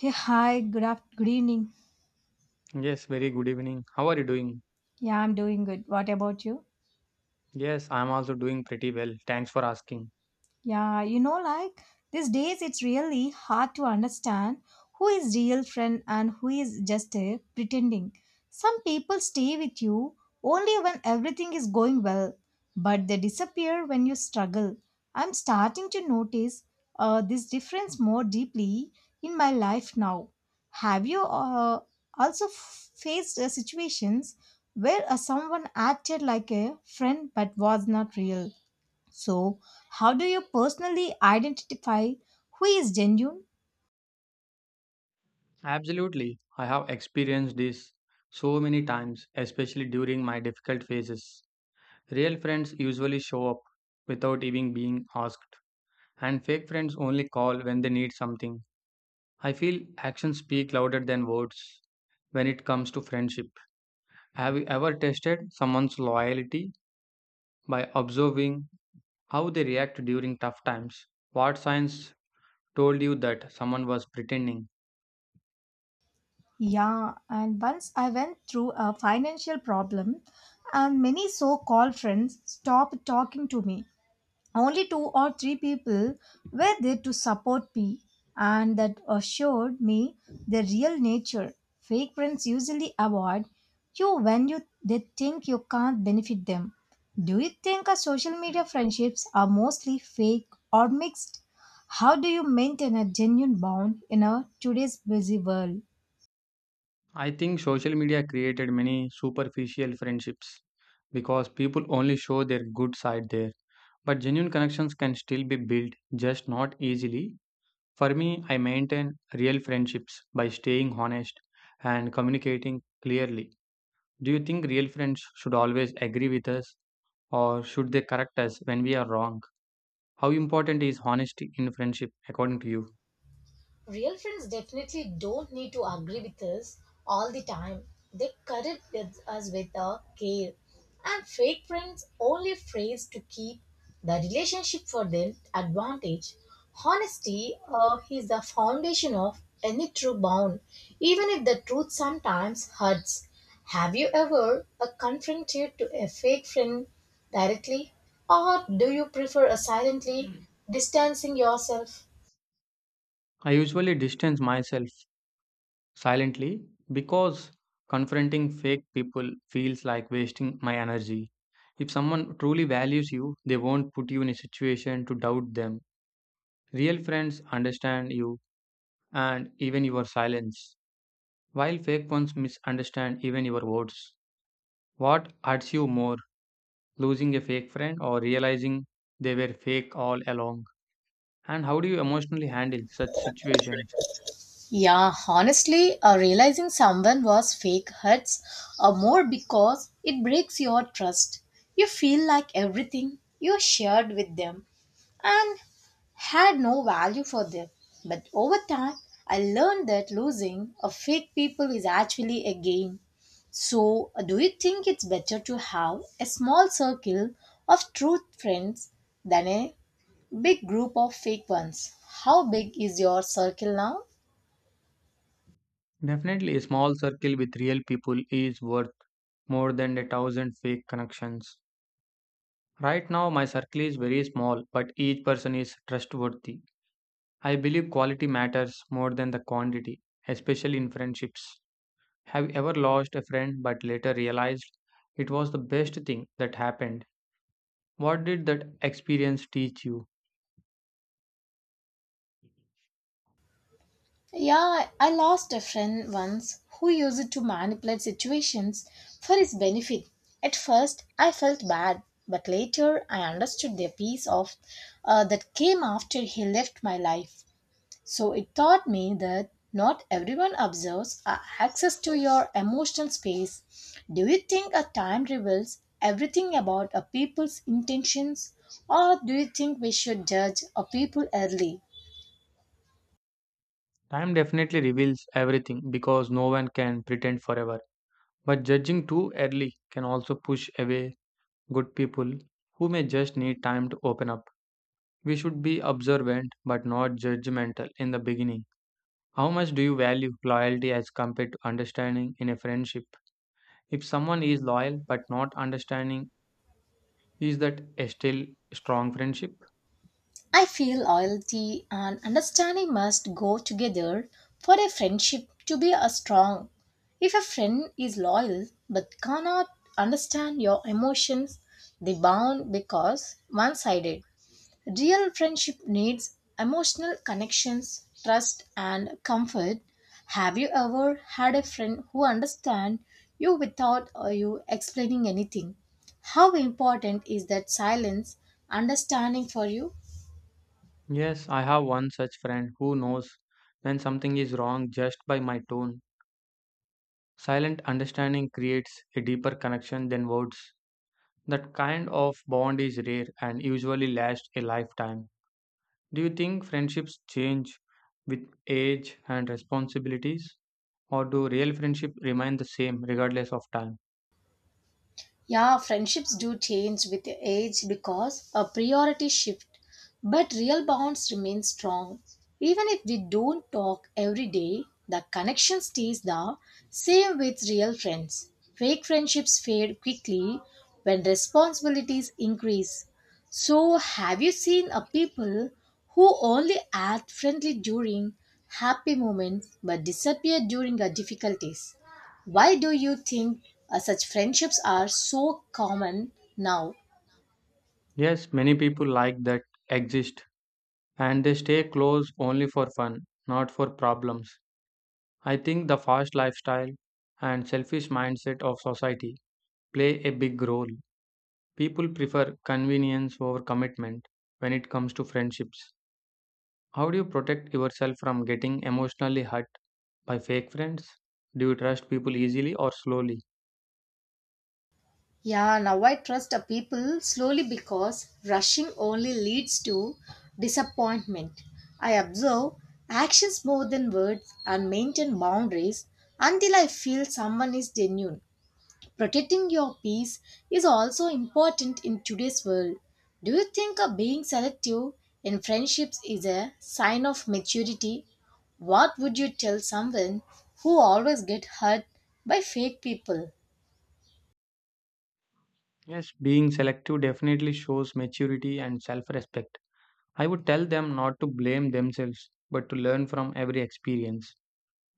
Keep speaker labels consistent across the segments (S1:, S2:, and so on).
S1: Hey, hi, good, good evening.
S2: Yes, very good evening. How are you doing?
S1: Yeah, I'm doing good. What about you?
S2: Yes, I'm also doing pretty well. Thanks for asking.
S1: Yeah, you know, like these days it's really hard to understand who is real friend and who is just pretending. Some people stay with you only when everything is going well, but they disappear when you struggle. I'm starting to notice this difference more deeply in my life now. Have you also faced situations where someone acted like a friend but was not real? So, how do you personally identify who is genuine?
S2: Absolutely. I have experienced this so many times, especially during my difficult phases. Real friends usually show up without even being asked, and fake friends only call when they need something. I feel actions speak louder than words when it comes to friendship. Have you ever tested someone's loyalty by observing how they react during tough times? What signs told you that someone was pretending?
S1: Yeah, and once I went through a financial problem, and many so called friends stopped talking to me. Only two or three people were there to support me, and that assured me their real nature. Fake friends usually avoid you when you they think you can't benefit them. Do you think our social media friendships are mostly fake or mixed? How do you maintain a genuine bond in our today's busy world?
S2: I think social media created many superficial friendships because people only show their good side there. But genuine connections can still be built, just not easily. For me, I maintain real friendships by staying honest and communicating clearly. Do you think real friends should always agree with us, or should they correct us when we are wrong? How important is honesty in friendship according to you?
S1: To agree all the time. They curried with us with a care, and fake friends only phrase to keep the relationship for their advantage. Honesty is the foundation of any true bond, even if the truth sometimes hurts. Have you ever confronted to a fake friend directly or for silently yourself?
S2: I usually distance myself silently because confronting fake people feels like wasting my energy. If someone truly values you, they won't put you in a situation to doubt them. Real friends understand you and even your silence, while fake ones misunderstand even your words. What hurts you more, losing a fake friend or realizing they were fake all along? And how do you emotionally handle such situations?
S1: Yeah, honestly, realizing someone was fake hurts more because it breaks your trust. You feel like everything you shared with them and had no value for them. But over time, I learned that losing a fake people is actually a gain. So, do you think it's better to have a small circle of true friends than a big group of fake ones? How big is your circle now?
S2: Definitely, a small circle with real people is worth more than a thousand fake connections. Right now, my circle is very small, but each person is trustworthy. I believe quality matters more than the quantity, especially in friendships. Have you ever lost a friend but later realized it was the best thing that happened? What did that experience teach you?
S1: Yeah, I lost a friend once who used it to manipulate situations for his benefit. At first, I felt bad, but later I understood the peace of that came after he left my life. So it taught me that not everyone observes access to your emotional space. Do you think a time reveals everything about a people's intentions, or do you think we should judge a people early?
S2: Time definitely reveals everything because no one can pretend forever. But judging too early can also push away good people who may just need time to open up. We should be observant but not judgmental in the beginning. How much do you value loyalty as compared to understanding in a friendship? If someone is loyal but not understanding, is that a still strong friendship?
S1: I feel loyalty and understanding must go together for a friendship to be a strong. If a friend is loyal but cannot understand your emotions, they bond because one-sided. Real friendship needs emotional connections, trust and comfort. Have you ever had a friend who understands you without you explaining anything? How important is that silence understanding for you?
S2: Yes, I have one such friend who knows when something is wrong just by my tone. Silent understanding creates a deeper connection than words. That kind of bond is rare and usually lasts a lifetime. Do you think friendships change with age and responsibilities, or do real friendship remain the same regardless of time?
S1: Yeah, friendships do change with age because a priority shift, but real bonds remain strong. Even if we don't talk every day, the connection stays the same with real friends. Fake friendships fade quickly when responsibilities increase. So, have you seen a people who only act friendly during happy moments but disappear during the difficulties? Why do you think such friendships are so common now?
S2: Yes, many people like that exist and they stay close only for fun, not for problems. I think the fast lifestyle and selfish mindset of society play a big role. People prefer convenience over commitment when it comes to friendships. How do you protect yourself from getting emotionally hurt by fake friends? Do you trust people easily or slowly?
S1: Yeah, now I trust people slowly because rushing only leads to disappointment. I observe actions more than words and maintain boundaries until I feel someone is genuine. Protecting your peace is also important in today's world. Do you think being selective in friendships is a sign of maturity? What would you tell someone who always get hurt by fake people?
S2: Yes, being selective definitely shows maturity and self respect. I would tell them not to blame themselves, but to learn from every experience.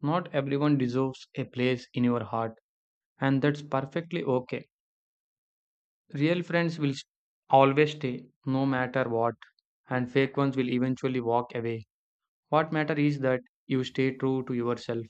S2: Not everyone deserves a place in your heart, and that's perfectly okay. Real friends will always stay, no matter what, and fake ones will eventually walk away. What matters is that you stay true to yourself.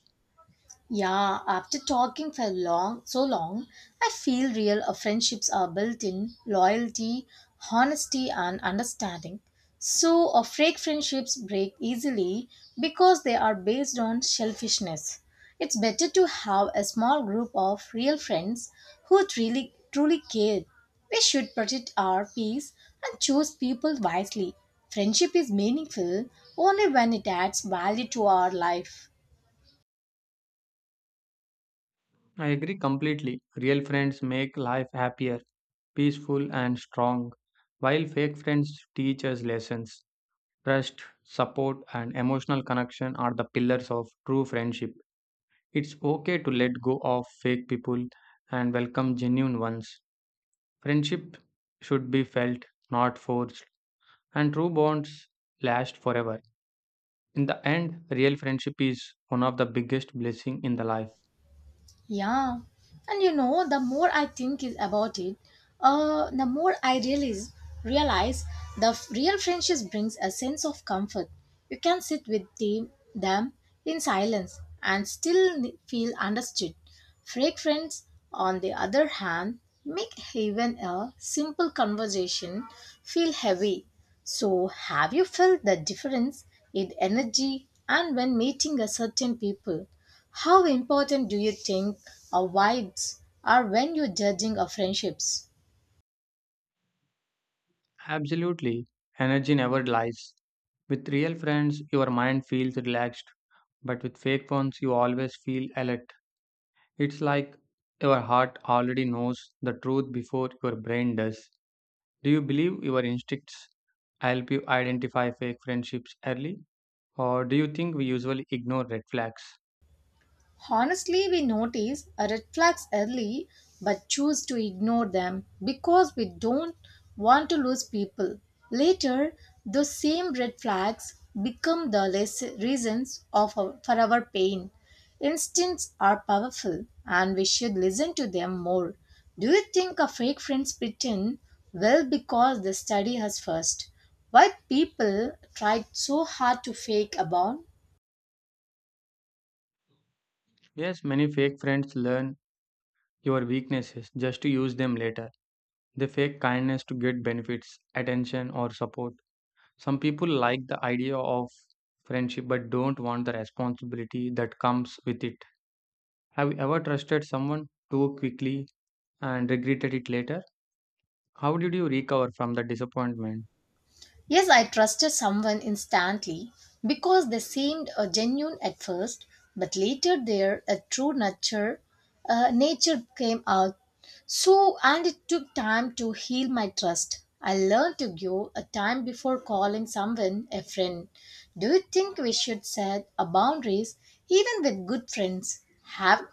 S1: Yeah, after talking for long, so long, I feel real friendships are built in loyalty, honesty, and understanding. So, fake friendships break easily because they are based on selfishness. It's better to have a small group of real friends who truly, truly care. We should protect our peace and choose people wisely. Friendship is meaningful only when it adds value to our life.
S2: I agree completely. Real friends make life happier, peaceful, and strong, while fake friends teach us lessons. Trust, support, and emotional connection are the pillars of true friendship. It's okay to let go of fake people and welcome genuine ones. Friendship should be felt, not forced, and true bonds last forever. In the end, real friendship is one of the biggest blessings in the life.
S1: Yeah, and you know, the more I think is about it, the more I realize the real friendships brings a sense of comfort. You can sit with them in silence and still feel understood. Fake friends, on the other hand, make even a simple conversation feel heavy. So, have you felt the difference in energy and when meeting a certain people? How important do you think our vibes are when you're judging our friendships?
S2: Absolutely. Energy never lies. With real friends, your mind feels relaxed, but with fake ones, you always feel alert. It's like your heart already knows the truth before your brain does. Do you believe your instincts help you identify fake friendships early? Or do you think we usually ignore red flags?
S1: Honestly, we notice a red flags early but choose to ignore them because we don't want to lose people. Later, those same red flags become the reasons of our, for our pain. Instincts are powerful and we should listen to them more. Do you think a fake friends pretend? Well, because they study us first. Why people tried so hard to fake a bond?
S2: Yes, many fake friends learn your weaknesses just to use them later. They fake kindness to get benefits, attention, or support. Some people like the idea of friendship but don't want the responsibility that comes with it. Have you ever trusted someone too quickly and regretted it later? How did you recover from the disappointment?
S1: Yes, I trusted someone instantly because they seemed genuine at first, but later their true nature came out. So, and it took time to heal my trust. I learned to give a time before calling someone a friend. Do you think we should set a boundaries even with good friends? Have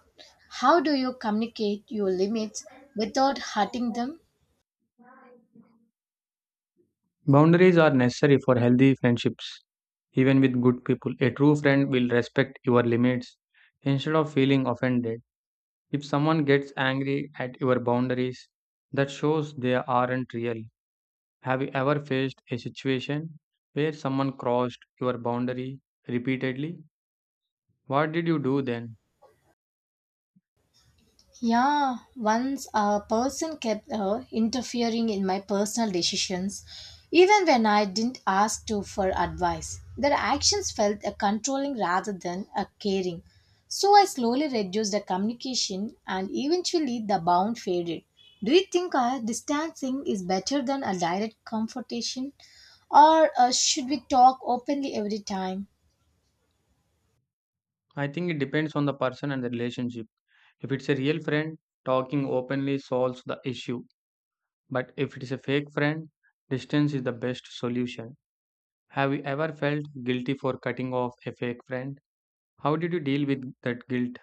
S1: How do you communicate your limits without hurting them?
S2: Boundaries are necessary for healthy friendships. Even with good people, a true friend will respect your limits instead of feeling offended. If someone gets angry at your boundaries, that shows they aren't real. Have you ever faced a situation where someone crossed your boundary repeatedly? What did you do then?
S1: Yeah, once a person kept interfering in my personal decisions, even when I didn't ask to for advice. Their actions felt controlling rather than caring. So I slowly reduced the communication and eventually the bond faded. Do you think distancing is better than a direct confrontation? Or should we talk openly every time?
S2: I think it depends on the person and the relationship. If it's a real friend, talking openly solves the issue. But if it is a fake friend, distance is the best solution. Have you ever felt guilty for cutting off a fake friend? How did you deal with that guilt?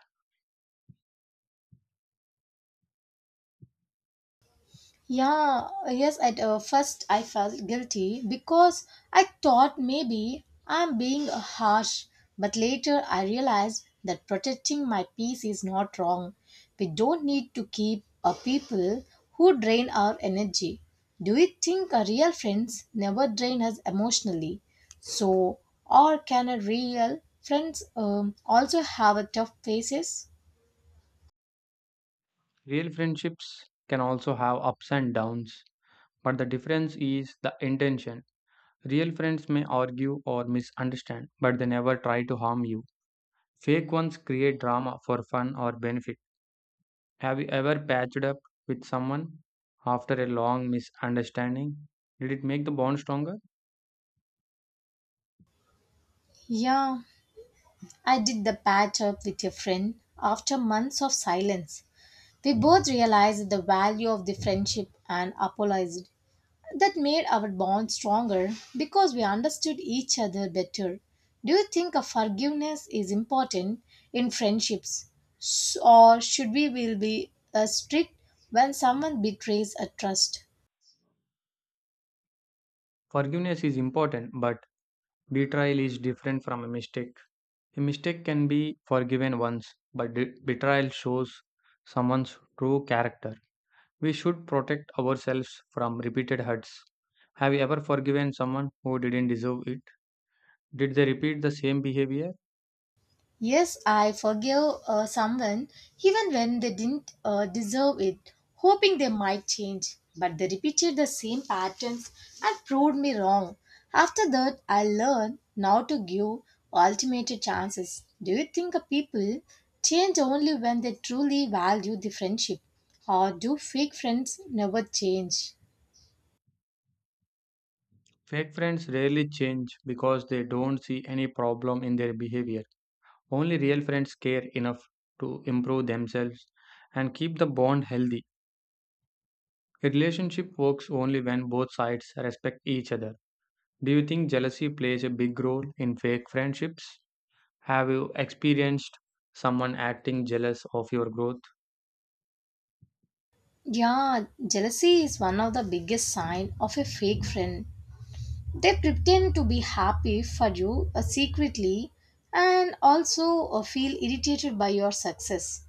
S1: Yeah, yes, at first I felt guilty because I thought maybe I'm being harsh, but later I realized that protecting my peace is not wrong. We don't need to keep a people who drain our energy. Do you think a real friends never drain us emotionally? So, or can a real friends also have a tough phases?
S2: Real friendships can also have ups and downs, but the difference is the intention. Real friends may argue or misunderstand, but they never try to harm you. Fake ones create drama for fun or benefit. Have you ever patched up with someone after a long misunderstanding? Did it make the bond stronger?
S1: Yeah. I did the patch up with a friend after months of silence. We both realized the value of the friendship and apologized. That made our bond stronger because we understood each other better. Do you think a forgiveness is important in friendships? Or should we will be strict when someone betrays a trust?
S2: Forgiveness is important, but betrayal is different from a mistake. A mistake can be forgiven once, but betrayal shows someone's true character. We should protect ourselves from repeated hurts. Have you ever forgiven someone who didn't deserve it? Did they repeat the same behavior?
S1: Yes, I forgive someone even when they didn't deserve it, hoping they might change. But they repeated the same patterns and proved me wrong. After that, I learned not to give ultimate chances. Do you think people change only when they truly value the friendship? Or do fake friends never change?
S2: Fake friends rarely change because they don't see any problem in their behavior. Only real friends care enough to improve themselves and keep the bond healthy. A relationship works only when both sides respect each other. Do you think jealousy plays a big role in fake friendships? Have you experienced someone acting jealous of your growth?
S1: Yeah, jealousy is one of the biggest sign of a fake friend. They pretend to be happy for you secretly and also feel irritated by your success.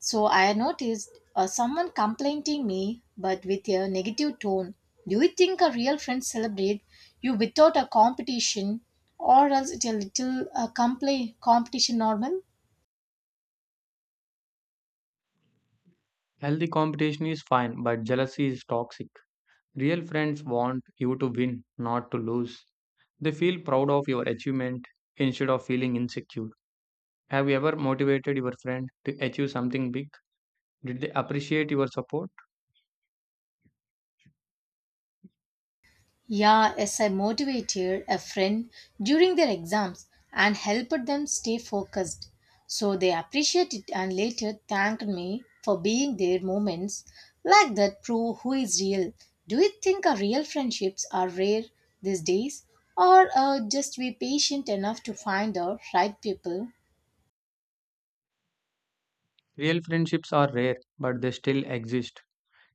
S1: So I noticed someone complimenting me but with a negative tone. Do you think a real friend celebrate you without a competition or else it's a little competition normal?
S2: Healthy competition is fine, but jealousy is toxic. Real friends want you to win, not to lose. They feel proud of your achievement instead of feeling insecure. Have you ever motivated your friend to achieve something big? Did they appreciate your support?
S1: Yeah, yes, I motivated a friend during their exams and helped them stay focused. So they appreciated it and later thanked me for being their moments like that prove who is real. Do you think our real friendships are rare these days or just be patient enough to find the right people?
S2: Real friendships are rare, but they still exist.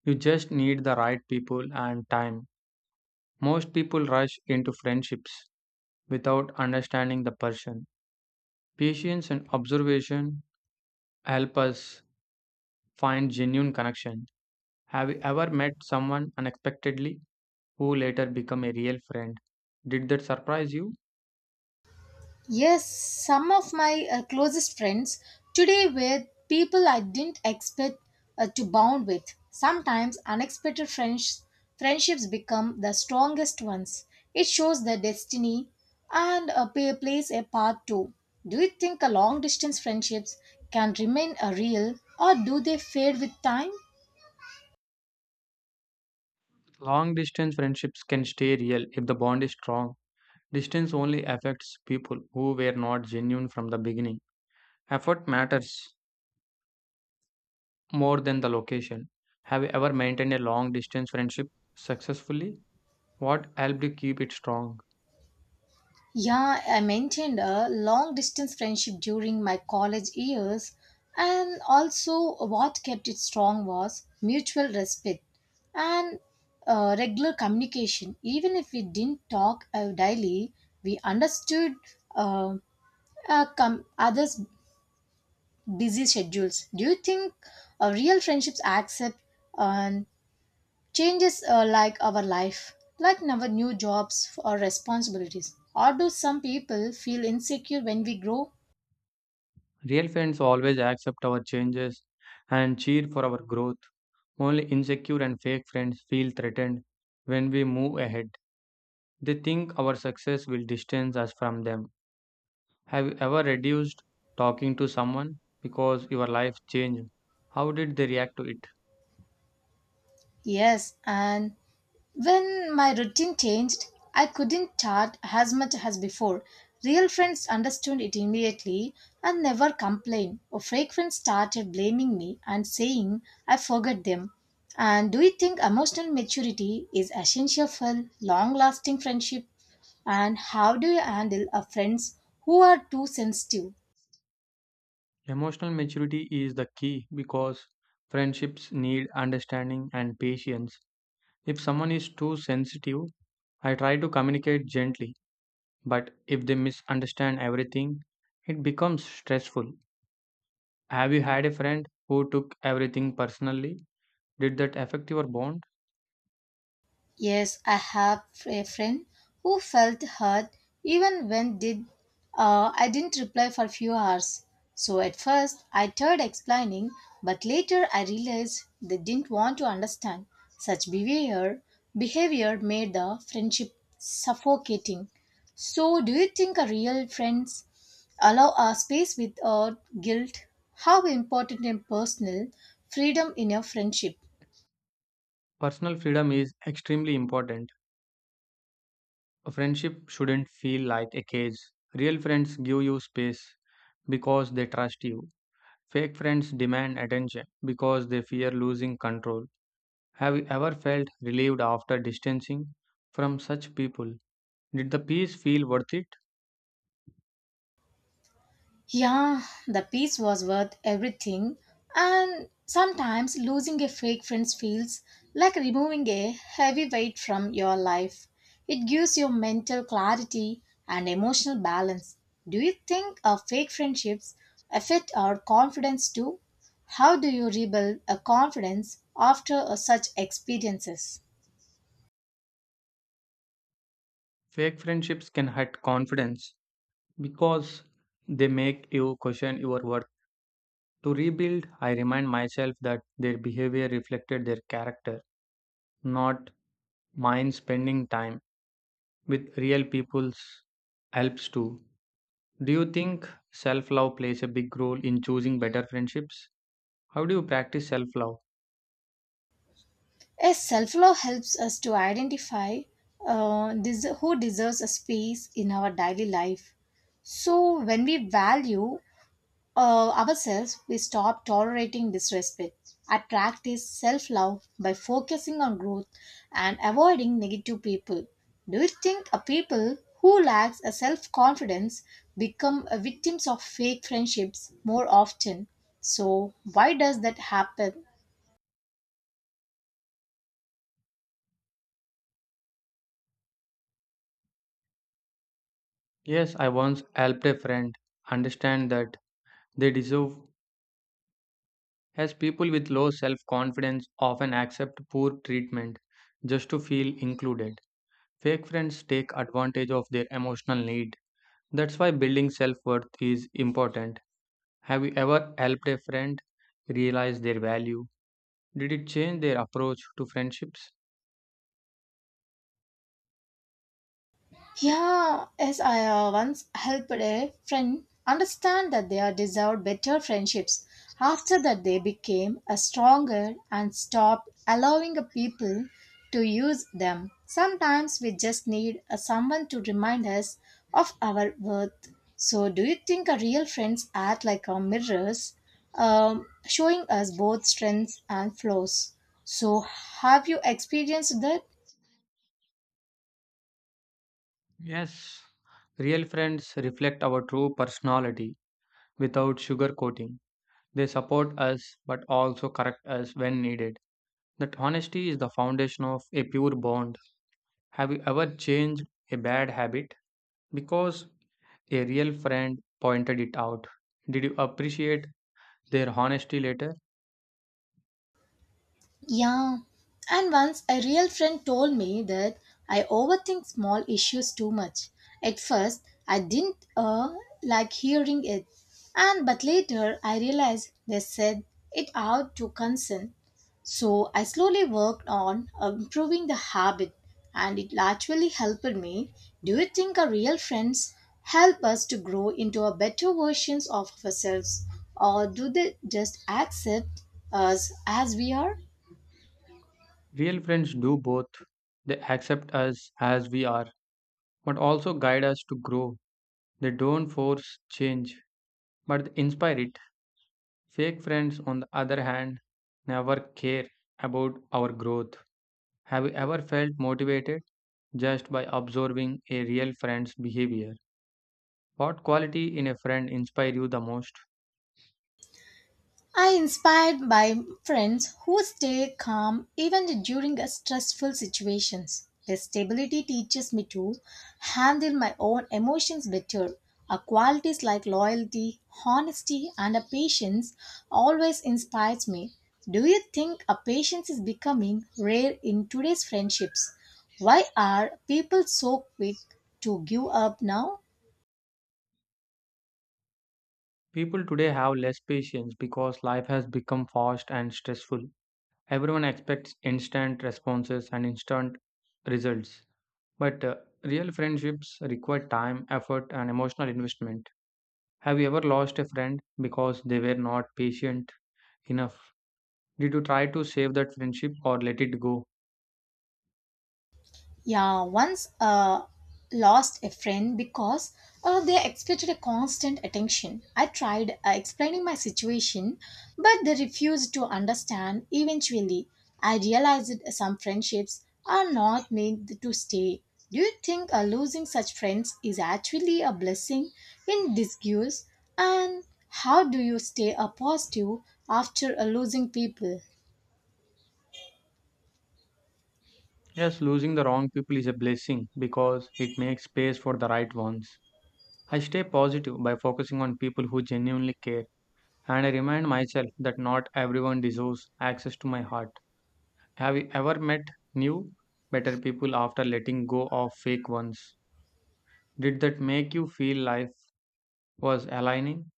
S2: You just need the right people and time. Most people rush into friendships without understanding the person. Patience and observation help us find genuine connection. Have you ever met someone unexpectedly who later became a real friend? Did that surprise you?
S1: Yes, some of my closest friends today were people I didn't expect to bond with. Sometimes friendships become the strongest ones. It shows that destiny and pay plays a part too. Do you think a long distance friendships can remain a real or do they fade with time?
S2: Long distance friendships can stay real if the bond is strong. Distance only affects people who were not genuine from the beginning. Effort matters more than the location. Have you ever maintained a long distance friendship successfully? What helped you keep it strong?
S1: Yeah, I maintained a long distance friendship during my college years, and also what kept it strong was mutual respect and regular communication. Even if we didn't talk daily, we understood uh, others' busy schedules. Do you think real friendships accept and changes like our life, like our new jobs or responsibilities? Or do some people feel insecure when we grow?
S2: Real friends always accept our changes and cheer for our growth. Only insecure and fake friends feel threatened when we move ahead. They think our success will distance us from them. Have you ever reduced talking to someone because your life changed? How did they react to it?
S1: Yes, and when my routine changed, I couldn't chat as much as before. Real friends understood it immediately and never complained. A fake friend started blaming me and saying I forgot them. And do you think emotional maturity is essential for long lasting friendship? And how do you handle a friends who are too sensitive?
S2: Emotional maturity is the key because friendships need understanding and patience. If someone is too sensitive, I try to communicate gently, but if they misunderstand everything, it becomes stressful. Have you had a friend who took everything personally? Did that affect your bond?
S1: Yes, I have a friend who felt hurt even when did I didn't reply for a few hours. So at first I tried explaining, but later I realized they didn't want to understand. Such behavior made the friendship suffocating. So do you think a real friends allow a space without guilt? How important and personal freedom in your friendship?
S2: Personal freedom is extremely important. A friendship shouldn't feel like a cage. Real friends give you space because they trust you. Fake friends demand attention because they fear losing control. Have you ever felt relieved after distancing from such people? Did the peace feel worth it?
S1: Yeah, the piece was worth everything, and sometimes losing a fake friend feels like removing a heavy weight from your life. It gives you mental clarity and emotional balance. Do you think a fake friendships affect our confidence too? How do you rebuild a confidence after such experiences?
S2: Fake friendships can hurt confidence because they make you question your worth. To rebuild, I remind myself that their behavior reflected their character, not mine. Spending time with real people's helps too. Do you think self love plays a big role in choosing better friendships? How do you practice self love?
S1: Yes, self love helps us to identify who deserves a space in our daily life. So, when we value ourselves, we stop tolerating disrespect. I practice self love by focusing on growth and avoiding negative people. Do you think a people who lacks a self confidence become a victims of fake friendships more often? So, why does that happen?
S2: Yes, I once helped a friend understand that they deserve, as people with low self confidence often accept poor treatment just to feel included. Fake friends take advantage of their emotional need. That's why building self worth is important. Have you ever helped a friend realize their value? Did it change their approach to friendships?
S1: Yeah, as I once helped a friend understand that they are deserved better friendships. After that, they became a stronger and stopped allowing a people to use them. Sometimes we just need a someone to remind us of our worth. So, do you think a real friends act like a mirrors, showing us both strengths and flaws? So, have you experienced that?
S2: Yes. Real friends reflect our true personality without sugarcoating. They support us but also correct us when needed. That honesty is the foundation of a pure bond. Have you ever changed a bad habit because a real friend pointed it out? Did you appreciate their honesty later?
S1: Yeah, and once a real friend told me that I overthink small issues too much. At first, I didn't like hearing it, and but later I realized they said it out to concern. So I slowly worked on improving the habit, and it actually helped me. Do you think our real friends help us to grow into a better versions of ourselves, or do they just accept us as we are?
S2: Real friends do both. They accept us as we are but also guide us to grow. They don't force change but they inspire it. Fake friends, on the other hand, never care about our growth. Have you ever felt motivated just by observing a real friend's behavior? What quality in a friend inspire you the most?
S1: I inspired by friends who stay calm even during stressful situations. Their stability teaches me to handle my own emotions better. A qualities like loyalty, honesty, and a patience always inspires me. Do you think a patience is becoming rare in today's friendships? Why are people so quick to give up now?
S2: People today have less patience because life has become fast and stressful. Everyone expects instant responses and instant results. But real friendships require time, effort, and emotional investment. Have you ever lost a friend because they were not patient enough? Did you try to save that friendship or let it go?
S1: Yeah, once lost a friend because they expected a constant attention. I tried explaining my situation, but they refused to understand. Eventually, I realized that some friendships are not made to stay. Do you think losing such friends is actually a blessing in disguise? And how do you stay positive after losing people?
S2: Yes, losing the wrong people is a blessing because it makes space for the right ones. I stay positive by focusing on people who genuinely care, and I remind myself that not everyone deserves access to my heart. Have you ever met new, better people after letting go of fake ones? Did that make you feel life was aligning?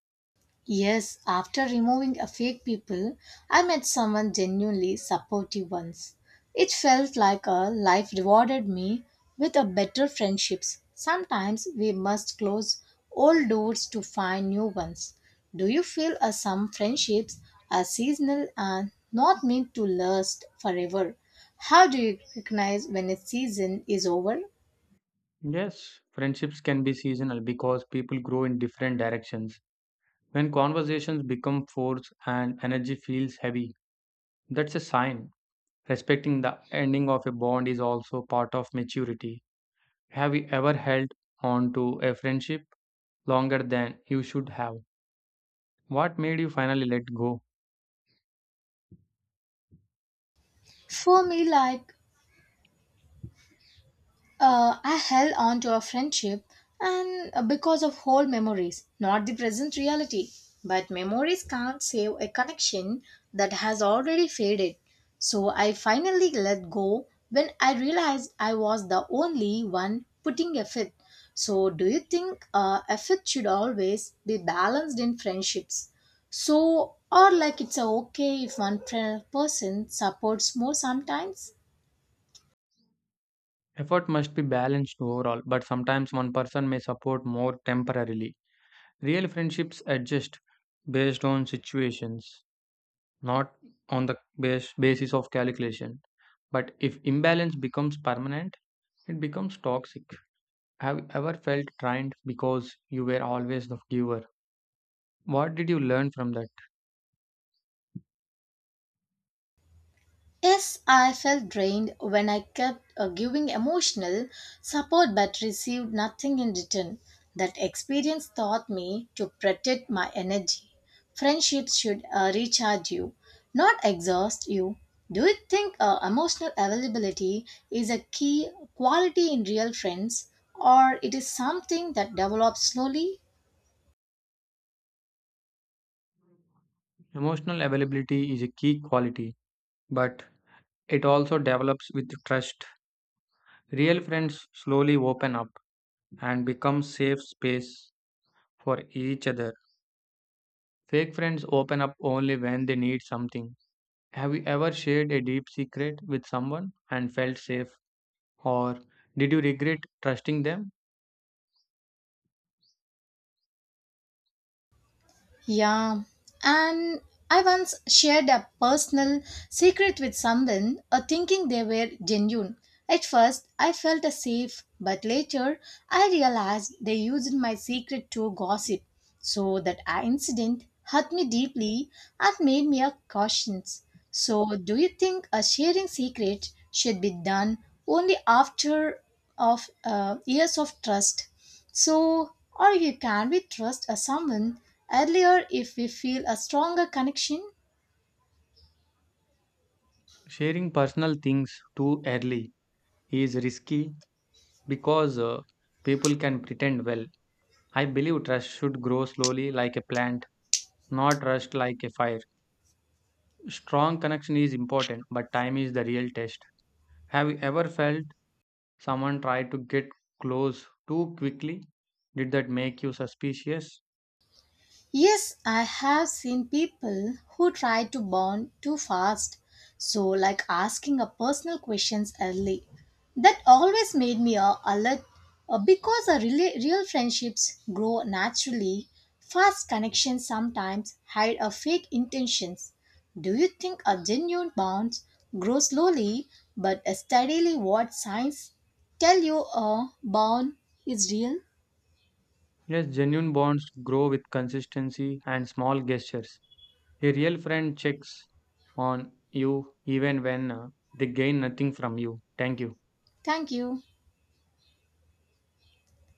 S1: Yes, after removing a fake people, I met someone genuinely supportive once. It felt like a life rewarded me with a better friendships. Sometimes we must close old doors to find new ones. Do you feel some friendships are seasonal and not meant to last forever? How do you recognize when a season is over?
S2: Yes, friendships can be seasonal because people grow in different directions. When conversations become forced and energy feels heavy, that's a sign. Respecting the ending of a bond is also part of maturity. Have you ever held on to a friendship longer than you should have? What made you finally let go?
S1: For me, like I held on to a friendship and because of whole memories, not the present reality. But memories can't save a connection that has already faded. So I finally let go when I realized I was the only one putting effort. So do you think a should always be balanced in friendships? So or like it's a okay if person supports more sometimes?
S2: Effort must be balanced overall, but sometimes one person may support more temporarily. Real friendships adjust based on situations, not on basis of calculation. But if imbalance becomes permanent, it becomes toxic. Have you ever felt trained because you were always the giver? What did you learn from that?
S1: Yes, I felt drained when I kept giving emotional support but received nothing in return. That experience taught me to protect my energy. Friendships should recharge you, not exhaust you. Do you think emotional availability is a key quality in real friends, or it is something that develops slowly?
S2: Emotional availability is a key quality, but it also develops with trust. Real friends slowly open up and become safe space for each other. Fake friends open up only when they need something. Have you ever shared a deep secret with someone and felt safe? Or did you regret trusting them?
S1: Yeah, and I once shared a personal secret with someone, thinking they were genuine. At first, I felt safe, but later I realized they used my secret to gossip. So that incident hurt me deeply and made me a cautious. So, do you think a sharing secret should be done only after of years of trust? So, or you can we trust a someone earlier if we feel a stronger connection?
S2: Sharing personal things too early is risky because people can pretend well. I believe trust should grow slowly like a plant, not rushed like a fire. Strong connection is important, but time is the real test. Have you ever felt someone tried to get close too quickly? Did that make you suspicious?
S1: Yes, I have seen people who try to bond too fast, so like asking a personal questions early. That always made me alert because a really real friendships grow naturally. Fast connections sometimes hide a fake intentions. Do you think a genuine bond grows slowly but steadily? What signs tell you a bond is real?
S2: Yes, genuine bonds grow with consistency and small gestures. A real friend checks on you even when they gain nothing from you. Thank you.
S1: Thank you.